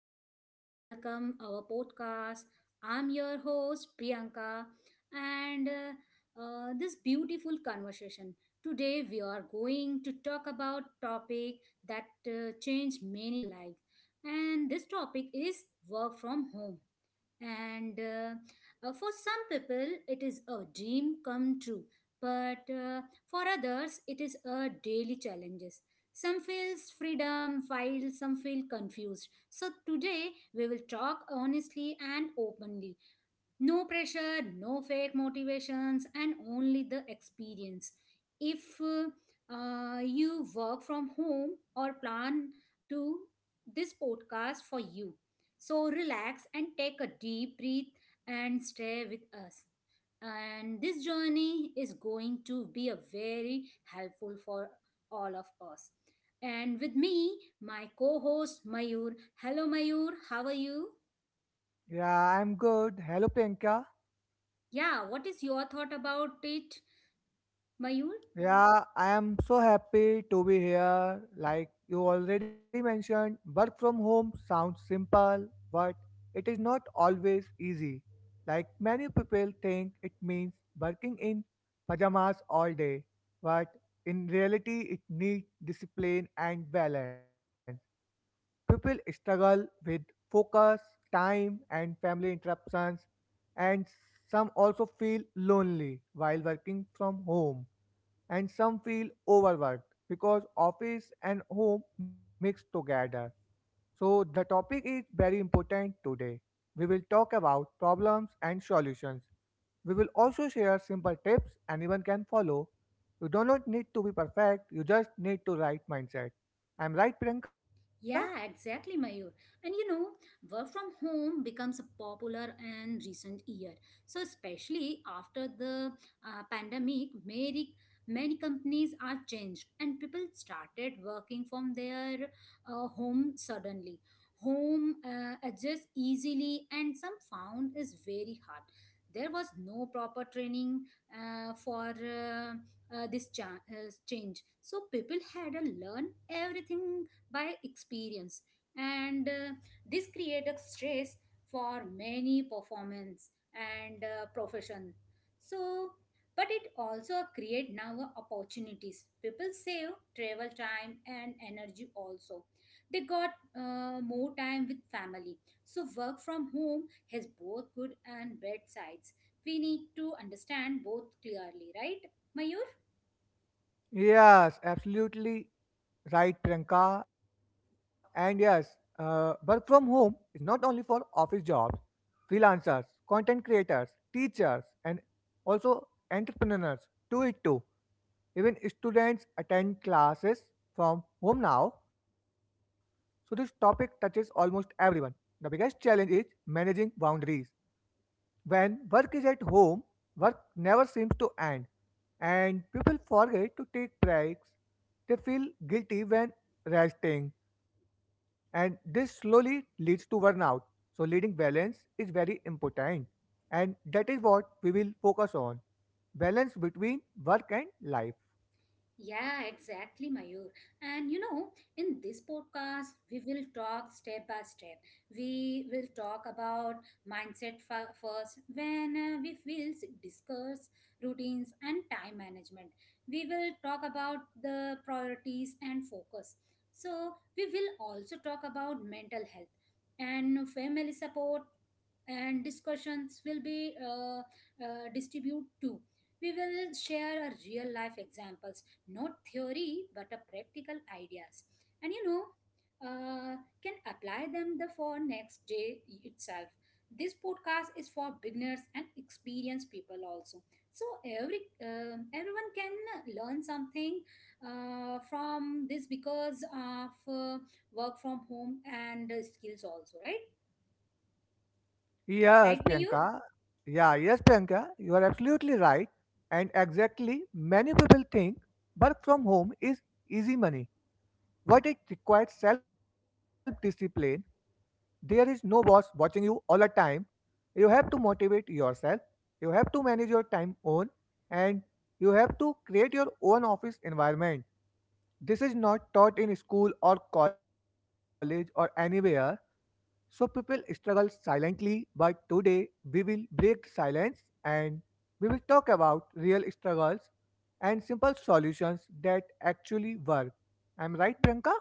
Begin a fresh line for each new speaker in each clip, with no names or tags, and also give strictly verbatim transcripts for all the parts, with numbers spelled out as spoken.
very warm welcome our podcast. I'm your host Priyanka and uh, uh, this beautiful conversation. Today we are going to talk about topic that uh, changed many lives and this topic is work from home. And uh, uh, For some people, it is a dream come true, but uh, for others, it is a daily challenges. Some feels freedom, while some feel confused. So today we will talk honestly and openly no pressure, no fake motivations, and only the experience. If uh, uh, you work from home or plan to this podcast for you. So relax and take a deep breath and stay with us. And this journey is going to be a very helpful for all of us. And with me, my co-host Mayur. Hello Mayur, how are you?
Yeah, I'm good. Hello, Priyanka.
Yeah, what is your thought about it, Mayur?
Yeah, I am so happy to be here. Like you already mentioned, work from home sounds simple, but it is not always easy. Like many people think it means working in pajamas all day, but in reality, it needs discipline and balance. People struggle with focus, time, and family interruptions, and some also feel lonely while working from home, and some feel overworked because office and home mix together. So the topic is very important today. We will talk about problems and solutions. We will also share simple tips anyone can follow. You do not need to be perfect, you just need to right mindset. I'm right, Priyanka?
Yeah, exactly, Mayur. And you know, work from home becomes popular in recent year. So especially after the uh, pandemic, many many companies are changed and people started working from their uh, home suddenly. Home uh, adjusts easily, and some found is very hard. There was no proper training uh, for uh, uh, this cha- uh, change, so people had to learn everything by experience and uh, this creates a stress for many performance and uh, profession so but it also create now a opportunities people save travel time and energy also they got uh, more time with family so work from home has both good and bad sides. We need to understand both clearly, right, Mayur?
Yes, absolutely right, Priyanka. And yes, uh, work from home is not only for office jobs, freelancers, content creators, teachers, and also entrepreneurs do it too. Even students attend classes from home now, so this topic touches almost everyone. The biggest challenge is managing boundaries. When work is at home, work never seems to end, and people forget to take breaks. They feel guilty when resting, and this slowly leads to burnout. So leading balance is very important, and that is what we will focus on: balance between work and life.
Yeah, exactly, Mayur. And you know, in this podcast, we will talk step by step. We will talk about mindset fa- first. When uh, we will discuss routines and time management, we will talk about the priorities and focus. So, we will also talk about mental health and family support and discussions will be uh, uh, distributed too. We will share our real life examples, not theory but a practical ideas, and you know uh, can apply them the for next day itself. This podcast is for beginners and experienced people also, so every um everyone can learn something uh, from this because of uh, work from home and uh, skills also, right?
Yes,
Right, Mayur?
Priyanka. Yeah, yes, Priyanka. You are absolutely right. And exactly, many people think work from home is easy money. What it requires self discipline. There is no boss watching you all the time. You have to motivate yourself, you have to manage your time own, and you have to create your own office environment. This is not taught in school or college or anywhere. So people struggle silently, but today we will break silence and we will talk about real struggles and simple solutions that actually work. I'm right, Priyanka?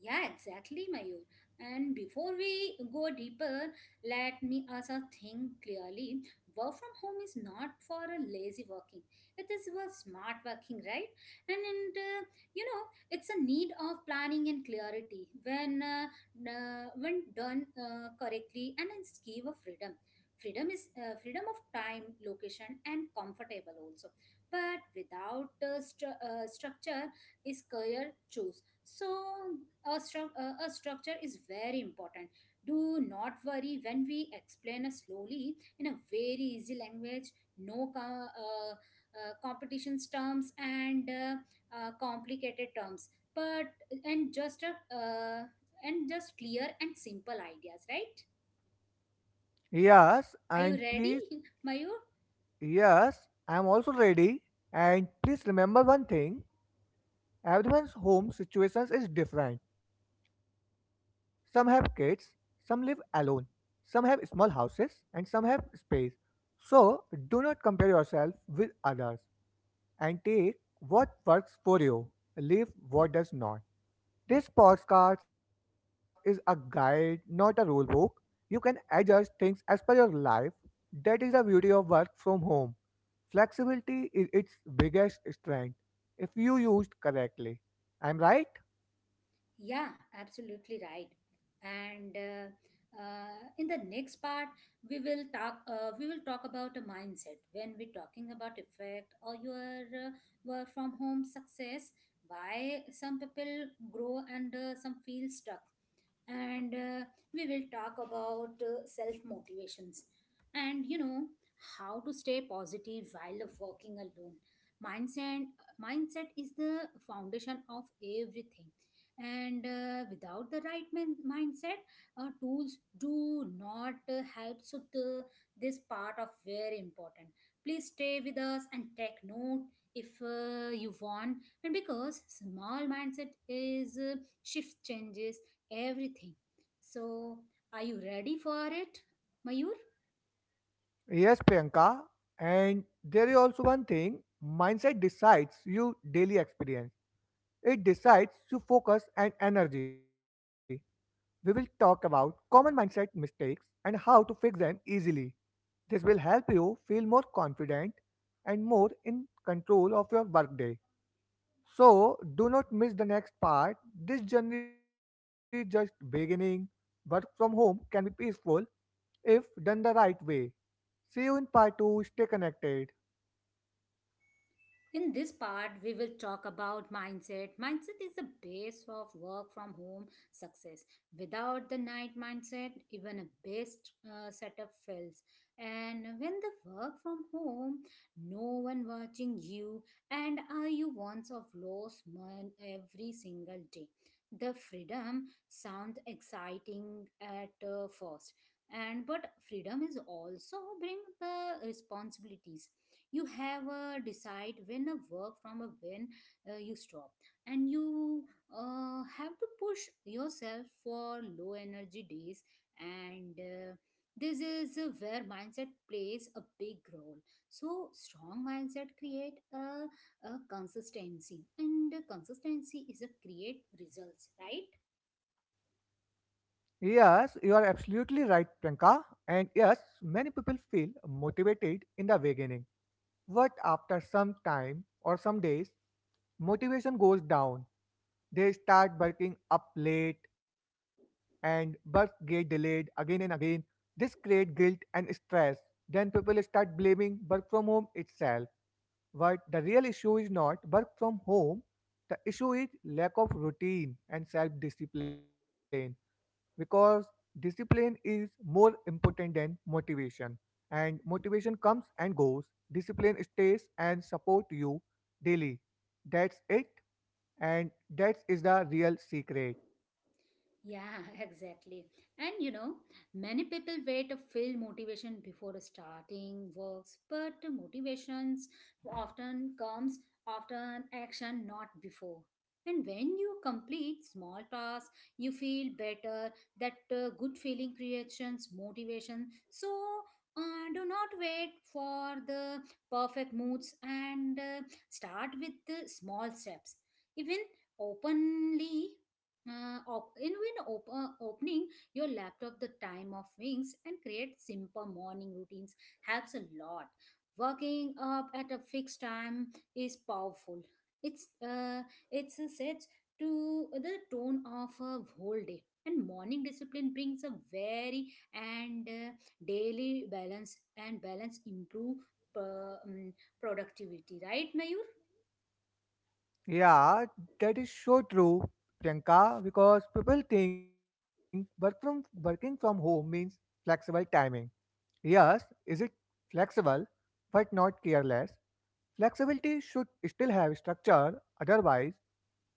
Yeah, exactly, Mayur. And before we go deeper, let me also think clearly. Work from home is not for a lazy working. It is for smart working, right? And, and uh, you know, it's a need of planning and clarity when uh, uh, when done uh, correctly, and a scheme of freedom. Freedom is uh, freedom of time, location, and comfortable also. But without uh, stru- uh, structure, is career choosing so a, stru- uh, a structure is very important. Do not worry when we explain a slowly in a very easy language, no co- uh, uh, competitions terms and uh, uh, complicated terms, but and just a uh, and just clear and simple ideas, right?
Yes,
Are you
and
ready,
please,
Mayur?
yes, I'm also ready. And please remember one thing: everyone's home situations is different. Some have kids, some live alone, some have small houses, and some have space. So do not compare yourself with others and take what works for you, leave what does not. This podcast is a guide, not a rule book. You can adjust things as per your life. That is the beauty of work from home. Flexibility is its biggest strength if you used correctly. I'm right?
Yeah, absolutely right. And uh, uh, in the next part, we will talk. Uh, we will talk about a mindset when we're talking about effect or your uh, work from home success. Why some people grow and uh, some feel stuck and uh, we will talk about uh, self motivations and you know how to stay positive while working alone. Mindset mindset is the foundation of everything, and uh, without the right min- mindset, uh, tools do not uh, help, so the, this part of very important. Please stay with us and take note if uh, you want, and because small mindset is uh, shift changes everything. So, are you ready for it, Mayur?
Yes, Priyanka. And there is also one thing: mindset decides your daily experience. It decides to focus and energy. We will talk about common mindset mistakes and how to fix them easily. This will help you feel more confident and more in control of your workday. So do not miss the next part. This journey is just beginning. Work from home can be peaceful if done the right way. See you in part two. Stay connected.
In this part, we will talk about mindset. Mindset is the base of work from home success. Without the night mindset, even a best uh, setup fails. And when the work from home, no one watching you, and are you once of lost man every single day. The freedom sounds exciting at uh, first, and but freedom is also bring the responsibilities. You have a decide when a work from a when uh, you stop, and you uh, have to push yourself for low energy days, and uh, this is uh, where mindset plays a big role. So strong mindset create a, a consistency, and the consistency is a create results, right?
Yes, you are absolutely right, Priyanka. And yes, many people feel motivated in the beginning. But after some time or some days, motivation goes down. They start working up late and work get delayed again and again. This creates guilt and stress. Then people start blaming work from home itself. But the real issue is not work from home, the issue is lack of routine and self discipline, because discipline is more important than motivation, and motivation comes and goes. Discipline stays and support you daily. That's it, and that is the real secret.
Yeah, exactly. And you know, many people wait to feel motivation before starting works, but the motivations often comes after an action, not before. And when you complete small tasks, you feel better. That uh, good feeling creations motivation. So uh, do not wait for the perfect moods and uh, start with the small steps. Even openly uh, op- in when op- uh, opening your laptop the time of wings, and create simple morning routines helps a lot. Working up at a fixed time is powerful. It's uh, it's a set to the tone of a whole day, and morning discipline brings a very and uh, daily balance, and balance improve uh, um, productivity, right, Mayur?
Yeah, that is so true, Priyanka, because people think work from working from home means flexible timing. Yes, is it flexible, but not careless? Flexibility should still have structure, otherwise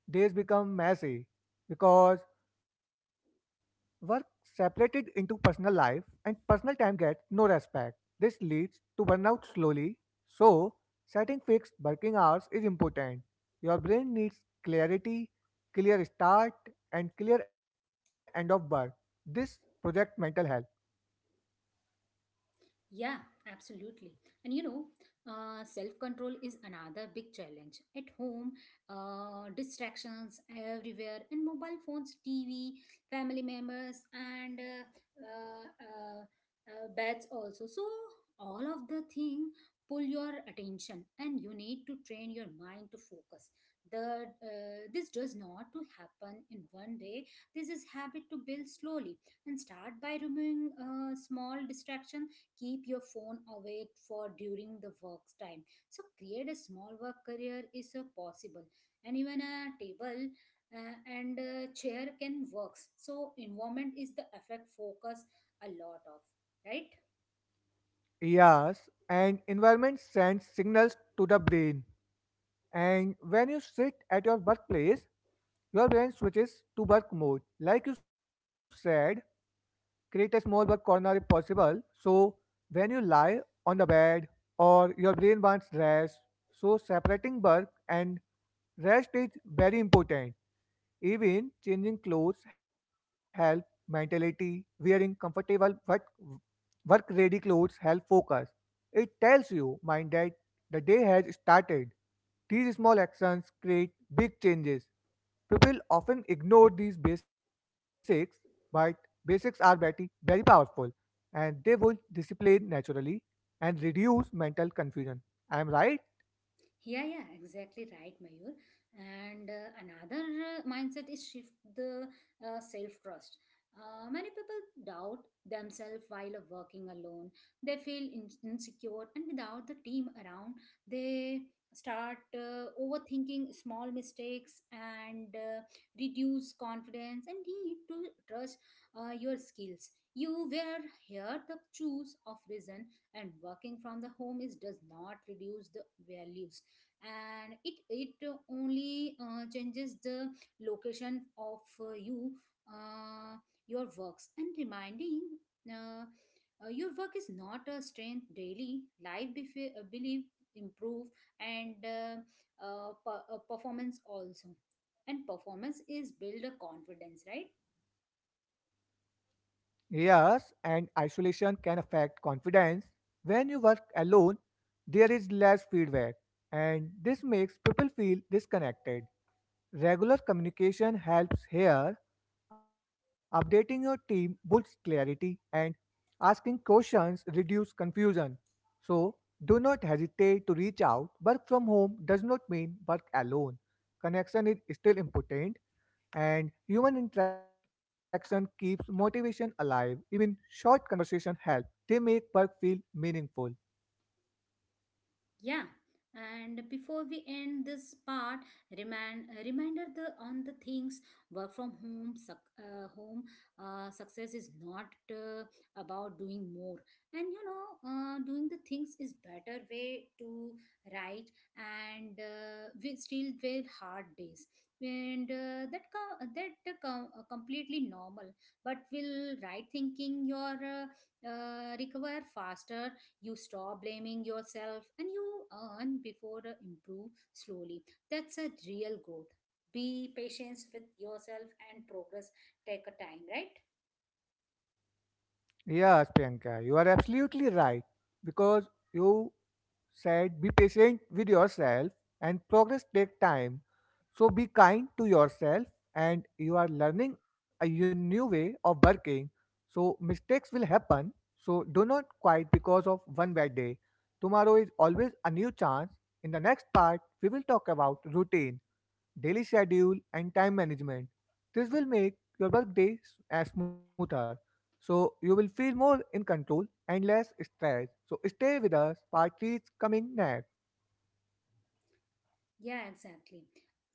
days become messy, because work separated into personal life and personal time gets no respect. This leads to burnout slowly. So setting fixed working hours is important. Your brain needs clarity, clear start, and clear end of work. This project mental health.
Yeah, absolutely. And you know, uh, self control is another big challenge. At home, uh, distractions everywhere, and mobile phones, T V, family members, and uh, uh, uh, uh, beds also. So, all of the thing pull your attention, and you need to train your mind to focus. The uh, This does not to happen in one day. This is habit to build slowly, and start by removing uh, small distraction. Keep your phone away for during the work's time, so create a small work career is uh, possible. And even a table uh, and a chair can works, so environment is the effect focus a lot of, right?
Yes, and environment sends signals to the brain. And when you sit at your workplace, your brain switches to work mode. Like you said, create a small work corner if possible. So when you lie on the bed or your brain wants rest, so separating work and rest is very important. Even changing clothes help mentality. Wearing comfortable work work ready clothes help focus. It tells your mind that the day has started. These small actions create big changes. People often ignore these basics, but basics are very, very powerful, and they will discipline naturally and reduce mental confusion. I am right.
Yeah, yeah, exactly right, Mayur. And uh, another uh, mindset is shift the uh, self trust. Uh, many people doubt themselves while working alone. They feel in- insecure, and without the team around, they start uh, overthinking small mistakes and uh, reduce confidence, and need to trust uh, your skills. You were here the choose of reason, and working from the home is does not reduce the values, and it it only uh, changes the location of uh, you uh, your works, and reminding uh, uh, your work is not a strength daily life. Bef- uh, believe improve and uh, uh, per- uh, performance also, and performance is build a confidence, right?
Yes, and isolation can affect confidence. When you work alone, there is less feedback, and this makes people feel disconnected. Regular communication helps here. Updating your team builds clarity, and asking questions reduce confusion. So do not hesitate to reach out. Work from home does not mean work alone. Connection is still important, and human interaction keeps motivation alive. Even short conversation help. They make work feel meaningful.
Yeah, and before we end this part, remind uh, reminder the on the things work from home. Suc- uh, home uh, success is not uh, about doing more, and you know, uh, doing the things is better way to write, and uh, we still very hard days, and uh, that co- that co- uh, completely normal. But will right thinking your uh, uh, recover faster. You stop blaming yourself, and you earn before uh, improve slowly. That's a real growth. Be patient with yourself, and progress take a time, right?
Yes, Priyanka, you are absolutely right, because you said be patient with yourself and progress take time. So be kind to yourself and you are learning a u- new way of working. So mistakes will happen. So do not quit because of one bad day. Tomorrow is always a new chance. In the next part, we will talk about routine, daily schedule and time management. This will make your workday s- uh, smoother. So you will feel more in control and less stressed. So stay with us. Part three is coming next.
Yeah, exactly.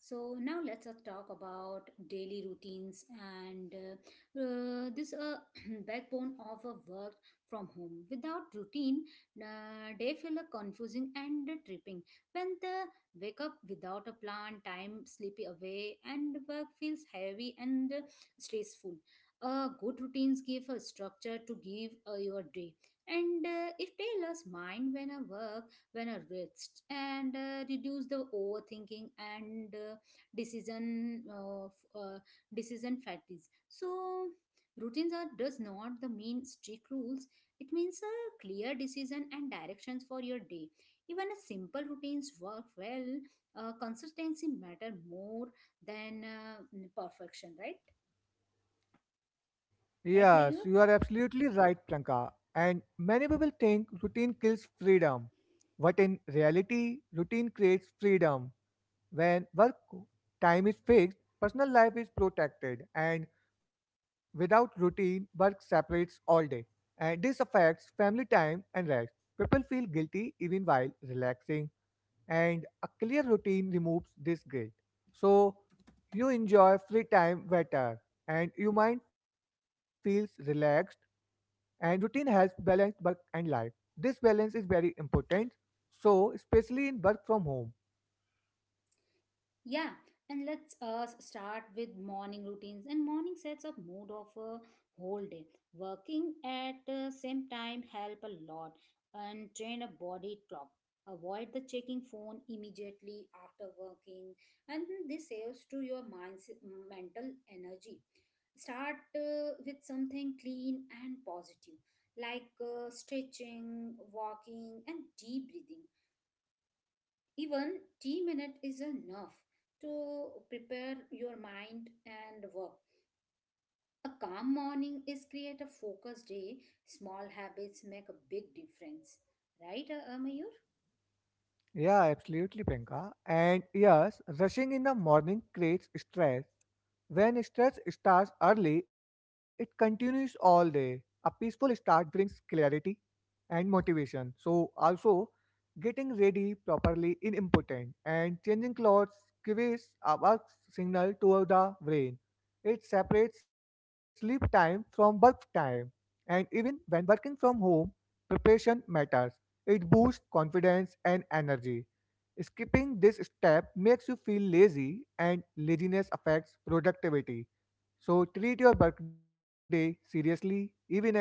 So now let's uh, talk about daily routines and uh, uh, this uh, backbone of a work from home. Without routine, uh, day feel uh, confusing and uh, tripping. When the wake up without a plan, time sleepy away, and work feels heavy and uh, stressful. Uh, good routines give a structure to give uh, your day, and uh, if tailors mind when a work when a rest, and uh, reduce the overthinking and uh, decision uh, f- uh, decision fatigue. So routines are does not the mean strict rules, it means a clear decision and directions for your day. Even a simple routines work well. Uh, consistency matter more than uh, perfection, right right,
Yes,
Mayur?
you are absolutely right, Pranka. And many people think routine kills freedom. But in reality, routine creates freedom. When work time is fixed, personal life is protected, and without routine, work separates all day. And this affects family time and rest. People feel guilty even while relaxing, and a clear routine removes this guilt. So you enjoy free time better and your mind feels relaxed, and routine helps balance work and life. This balance is very important, so especially in work from home.
Yeah, and let's uh, start with morning routines. And morning sets up mood of a whole day. Working at the same time help a lot, and train a body clock. Avoid the checking phone immediately after working, and this saves to your mind's mental energy. Start uh, with something clean and positive, like uh, stretching, walking, and deep breathing. Even tea minute is enough to prepare your mind and work. A calm morning is create a focused day. Small habits make a big difference, right, uh, Mayur?
Yeah, absolutely, Penka. And yes, rushing in the morning creates stress. When stress starts early, it continues all day. A peaceful start brings clarity and motivation. So, also, getting ready properly is important, and changing clothes gives a work signal to the brain. It separates sleep time from work time, and even when working from home, preparation matters. It boosts confidence and energy. Skipping this step makes you feel lazy, and laziness affects productivity. So treat your workday seriously, even at home.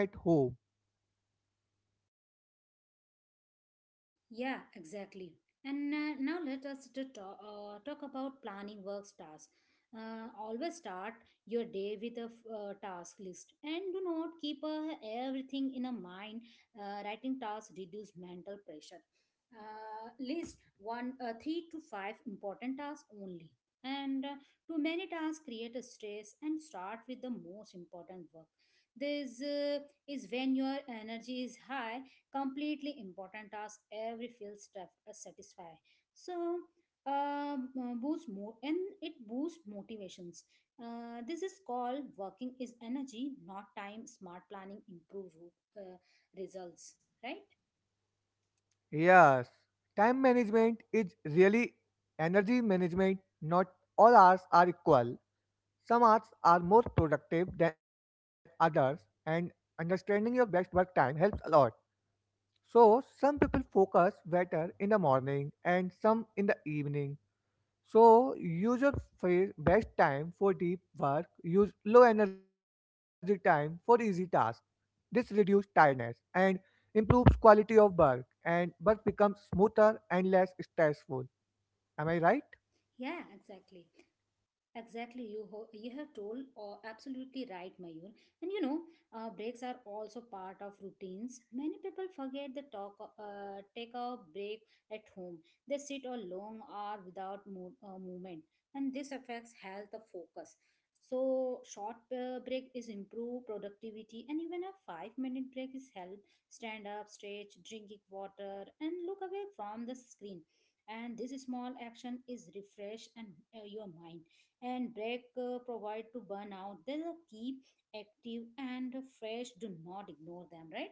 Yeah, exactly. And uh, now let us to talk, uh, talk about planning work tasks. Uh, always start your day with a f- uh, task list, and do not keep uh, everything in a mind. Uh, writing tasks reduce mental pressure. Uh, list one, uh, three to five important tasks only. And uh, too many tasks create a stress, and start with the most important work. This uh, is when your energy is high, completely important task every field staff uh, satisfy, so um, uh, boost more, and it boosts motivations. Uh, this is called working is energy not time. Smart planning improve uh, results, right?
Yes, time management is really energy management. Not all hours are equal. Some hours are more productive than others, and understanding your best work time helps a lot. So some people focus better in the morning and some in the evening. So use your fa- best time for deep work, use low energy time for easy tasks. This reduces tiredness and improves quality of work, and work becomes smoother and less stressful. Am I right?
Yeah, exactly. Exactly, you ho- you have told uh, absolutely right, Mayur. And you know, uh, breaks are also part of routines. Many people forget the talk, uh, take a break at home. They sit a long hour without mo- uh, movement, and this affects health of focus. So, short uh, break is improve productivity, and even a five minute break is help stand up, stretch, drinking water, and look away from the screen. And this small action is refresh and uh, your mind and break uh, provide to burn out. They keep active and fresh. Do not ignore them, right?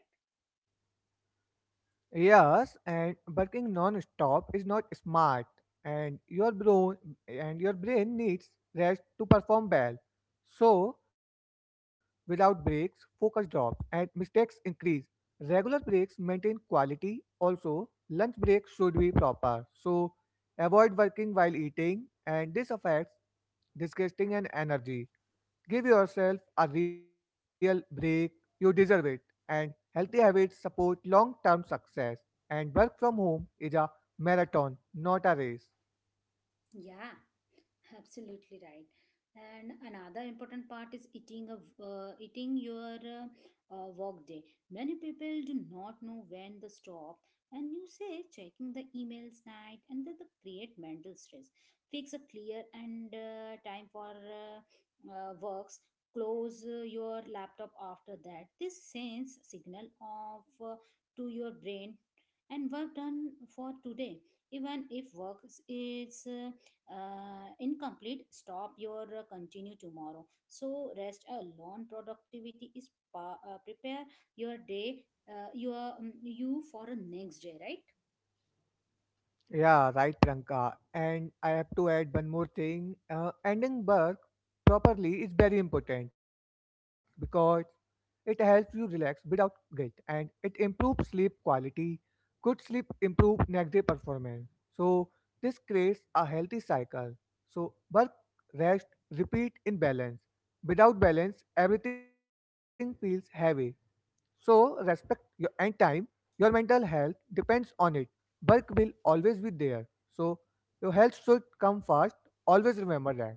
Yes, and working non-stop is not smart, and your brain and your brain needs rest to perform well. So without breaks, focus drops and mistakes increase. Regular breaks maintain quality. Also, lunch breaks should be proper. So avoid working while eating, and this affects digesting and energy. Give yourself a real break, you deserve it. And healthy habits support long term success. And work from home is a marathon, not a race.
Yeah. Absolutely right. And another important part is eating of uh, eating your uh, uh, work day. Many people do not know when to stop, and you say checking the emails night, and that the create mental stress. Fix a clear and uh, time for uh, uh, works. Close uh, your laptop after that. This sends signal of uh, to your brain and work done for today. Even if work is uh, incomplete stop your uh, continue tomorrow so rest alone productivity is pa- uh, prepare your day uh, your um, you for a next day, right?
Yeah, right, Priyanka. And I have to add one more thing. Uh, ending work properly is very important, because it helps you relax without guilt and it improves sleep quality. Good sleep improves next day performance. So this creates a healthy cycle. So work, rest, repeat in balance. Without balance, everything feels heavy. So respect your and time. Your mental health depends on it. Work will always be there. So your health should come first. Always remember that.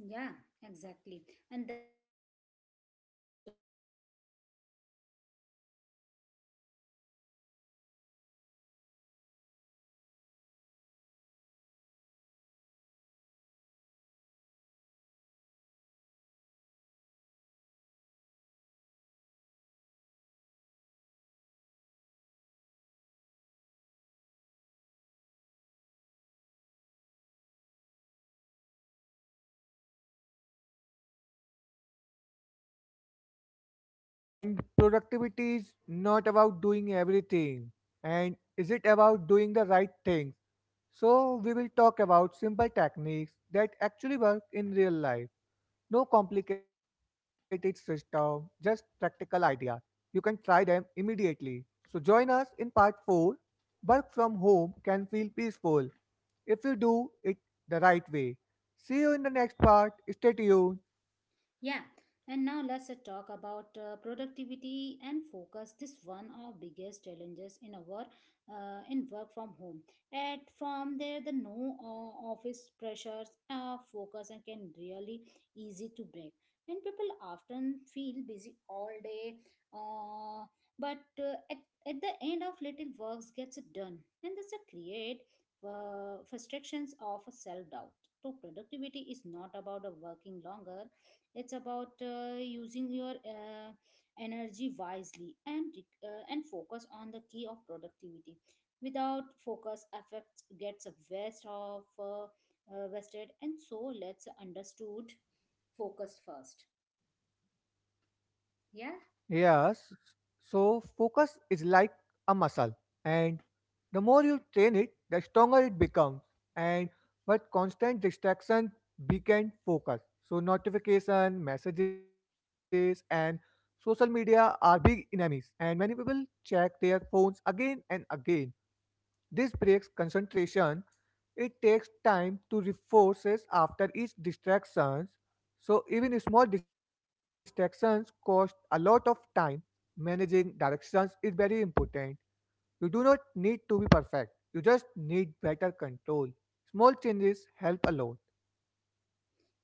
Yeah, exactly. And then the part of talk about uh, productivities, how to focus better while the working is home, how to avoid distance, and uh, how to work smarter, not a longer. And that's a tip. Uh, that's tips are the will uh, get a more than a less time and without stress. So stay connected with us, join the journey, and uh, step by step, each other's uh, matters in our next part. Are you ready for it?
Yes, and productivity is not about doing everything, and is it about doing the right things? So we will talk about simple techniques that actually work in real life. No complicated system, just practical ideas. You can try them immediately. So join us in part four. Work from home can feel peaceful if you do it the right way. See you in the next part. Stay tuned.
Yeah, and now let's uh, talk about uh, productivity and focus. This one of biggest challenges in our uh, in work from home. And from there, the no uh, office pressures, uh, focus, and can really easy to break. And people often feel busy all day, uh, but uh, at, at the end of little works gets done, and this uh, create uh, frustrations of self doubt. So productivity is not about uh, working longer. It's about uh, using your uh, energy wisely and uh, and focus on the key of productivity without focus affects gets a waste of uh, uh, wasted. And so let's understood focus first. Yeah.
Yes. So focus is like a muscle, and the more you train it, the stronger it becomes. And but constant distraction weaken focus. So notification, messages and social media are big enemies, and many people check their phones again and again. This breaks concentration. It takes time to reforces after each distraction. So even small distractions cost a lot of time. Managing directions is very important. You do not need to be perfect. You just need better control. Small changes help a lot.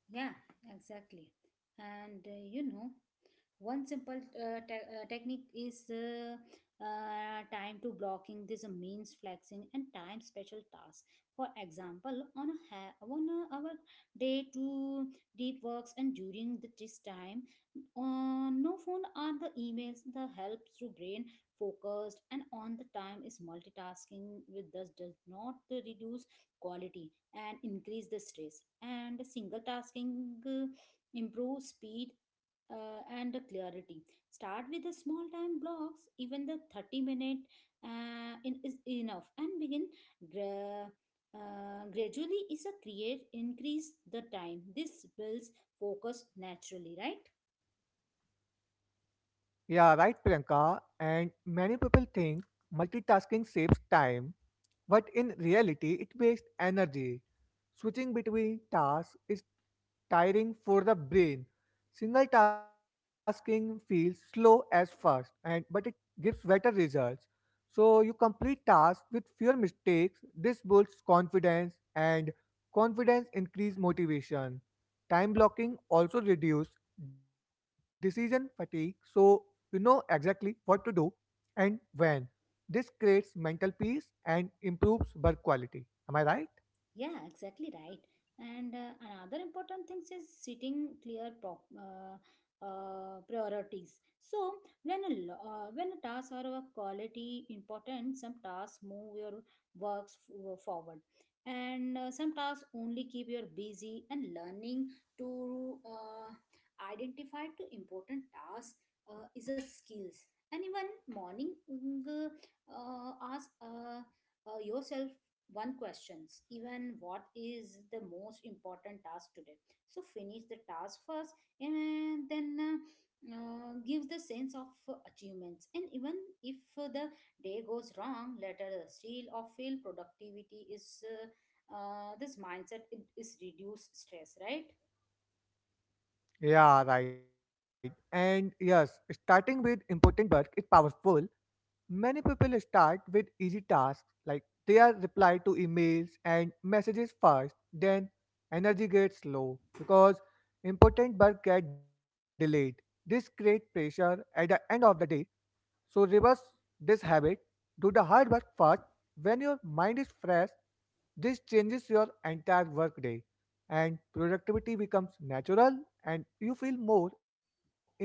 Yeah, exactly. And uh, you know, one simple uh, te- uh, technique is uh, uh, time to blocking. This uh, means flexing and time special tasks. For example, on a ha- on a, our day to deep works and during the this time, uh, no phone or the emails. The helps to brain focused and on the time is multitasking with thus does not reduce quality and increase the stress and single tasking uh, improve speed uh, and the clarity start with the small time blocks even the thirty minute uh, in, is enough and begin gra- uh, gradually is a create increase the time this builds focus naturally, right?
Yeah, right, Priyanka. And many people think multitasking saves time, but in reality, it wastes energy. Switching between tasks is tiring for the brain. Single tasking feels slow as fast, and but it gives better results. So you complete tasks with fewer mistakes. This builds confidence, and confidence increase motivation. Time blocking also reduce decision fatigue, so you know exactly what to do and when. This creates mental peace and improves work quality. Am I right?
Yeah, exactly right. And uh, another important thing is setting clear prop, uh, uh, priorities. So when a lo- uh, when a task or a quality important, some tasks move your works f- uh, forward, and uh, some tasks only keep you busy. And learning to uh, identify to important tasks uh, is a skills. And even morning uh, uh, ask uh, uh, yourself one questions even what is the most important task today so finish the task first and then uh, uh, give the sense of uh, achievements and even if uh, the day goes wrong later uh, still or fail, productivity is uh, uh, this mindset it is reduce stress, right?
Yeah, right. And yes, starting with important work is powerful. Many people start with easy tasks, like they are reply to emails and messages first, then energy gets low because important work get delayed. This creates pressure at the end of the day. So reverse this habit. Do the hard work first. When your mind is fresh, this changes your entire workday and productivity becomes natural and you feel more in control.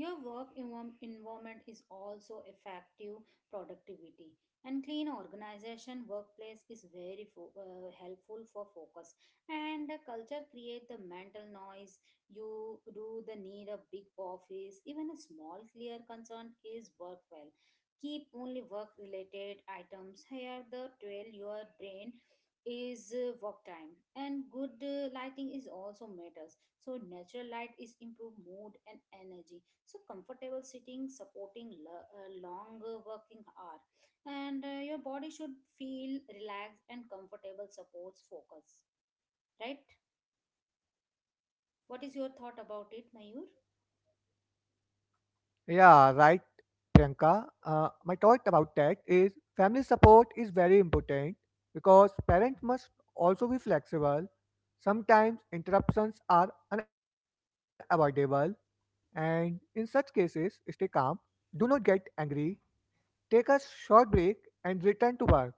Your work envom- environment is also effective productivity and clean organization workplace is very fo- uh, helpful for focus and the culture create the mental noise you do the need a big office even a small clear concern is worthwhile keep only work related items here the twelve your brain is uh, work time and good uh, lighting is also matters so natural light is improve mood and energy so comfortable sitting supporting lo- uh, long uh, working hour and uh, your body should feel relaxed and comfortable supports focus, right? What is your thought about it, Mayur?
Yeah, right, Priyanka. Uh, my thought about that is family support is very important, because parents must also be flexible. Sometimes interruptions are unavoidable, and in such cases, stay calm, do not get angry, take a short break, and return to work.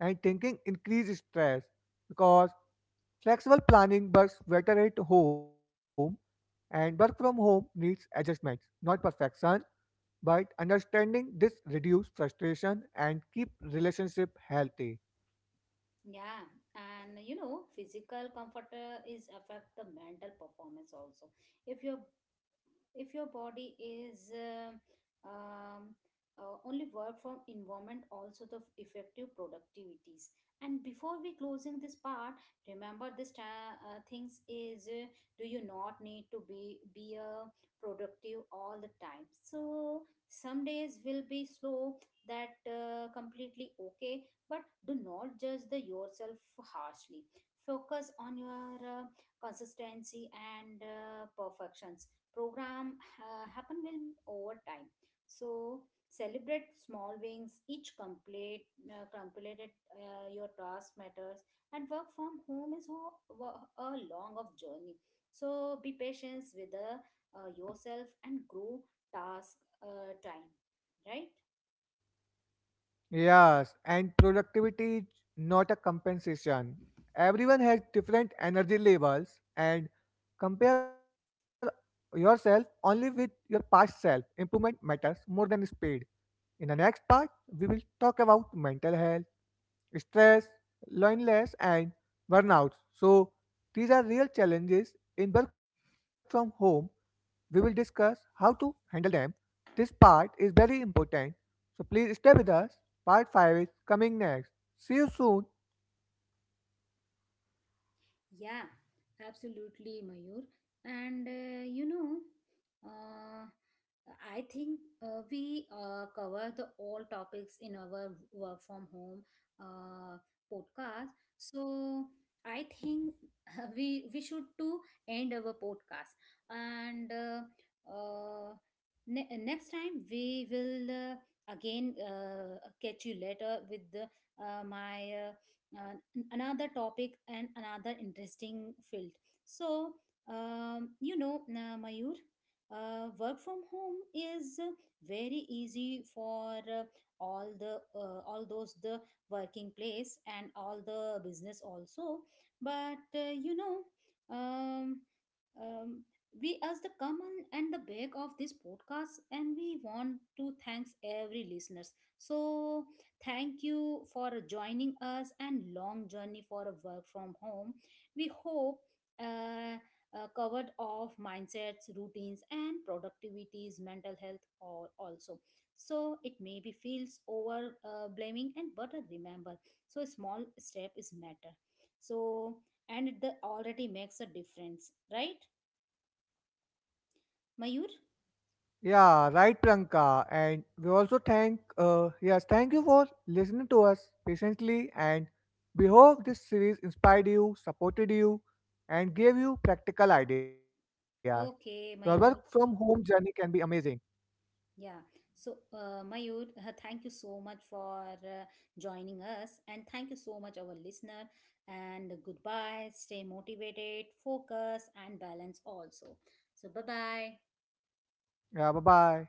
And thinking increase stress, because flexible planning works better at home, and work from home needs adjustments, not perfection, but understanding this reduce frustration and keep relationship healthy.
Yeah, and you know physical comfort uh, is affect the mental performance also. If your if your body is uh, um, uh, only work from environment also the f- effective productivities. And before we closing this part, remember this ta- uh, things is uh, do you not need to be be uh, productive all the time. So some days will be slow, that uh, completely okay, but do not judge the yourself harshly. Focus on your uh, consistency and uh, perfection program uh, happen will over time. So celebrate small wins, each complete uh, completed uh, your task matters. And work from home is ho- wo- a long of journey. So be patient with the, uh, yourself and grow task uh, time, right?
Yes, and productivity is not a compensation. Everyone has different energy levels, and compare yourself only with your past self. Improvement matters more than speed. In the next part, we will talk about mental health, stress, loneliness, and burnout. So these are real challenges in work from home. We will discuss how to handle them. This part is very important. So please stay with us. Part five is coming next. See you soon.
Yeah, absolutely, Mayur. And uh, you know, uh, I think uh, we uh, cover the all topics in our work from home uh, podcast. So I think we we should to end our podcast. And uh, uh, ne- next time we will uh, again uh, catch you later with the, uh, my uh, uh, another topic and another interesting field. So, um, you know uh, Mayur, uh, work from home is uh, very easy for uh, all the uh, all those the working place and all the business also. But uh, you know um, um, we as the common and the back of this podcast and we want to thanks every listeners. So thank you for joining us and long journey for a work from home. We hope uh, uh, covered off mindsets, routines, and productivities, mental health, or also. So it maybe feels over uh, blaming and but uh, remember, so a small step is matter. So and it the already makes a difference, right, Mayur?
Yeah, right, Pranka. And we also thank, uh, yes, thank you for listening to us patiently. And we hope this series inspired you, supported you, and gave you practical ideas. Your work from
Okay,
home
Mayur.
journey can be amazing.
Yeah. So, uh, Mayur, thank you so much for uh, joining us, and thank you so much, our listener. And goodbye. Stay motivated, focus, and balance also. So, bye bye.
Yeah, bye bye.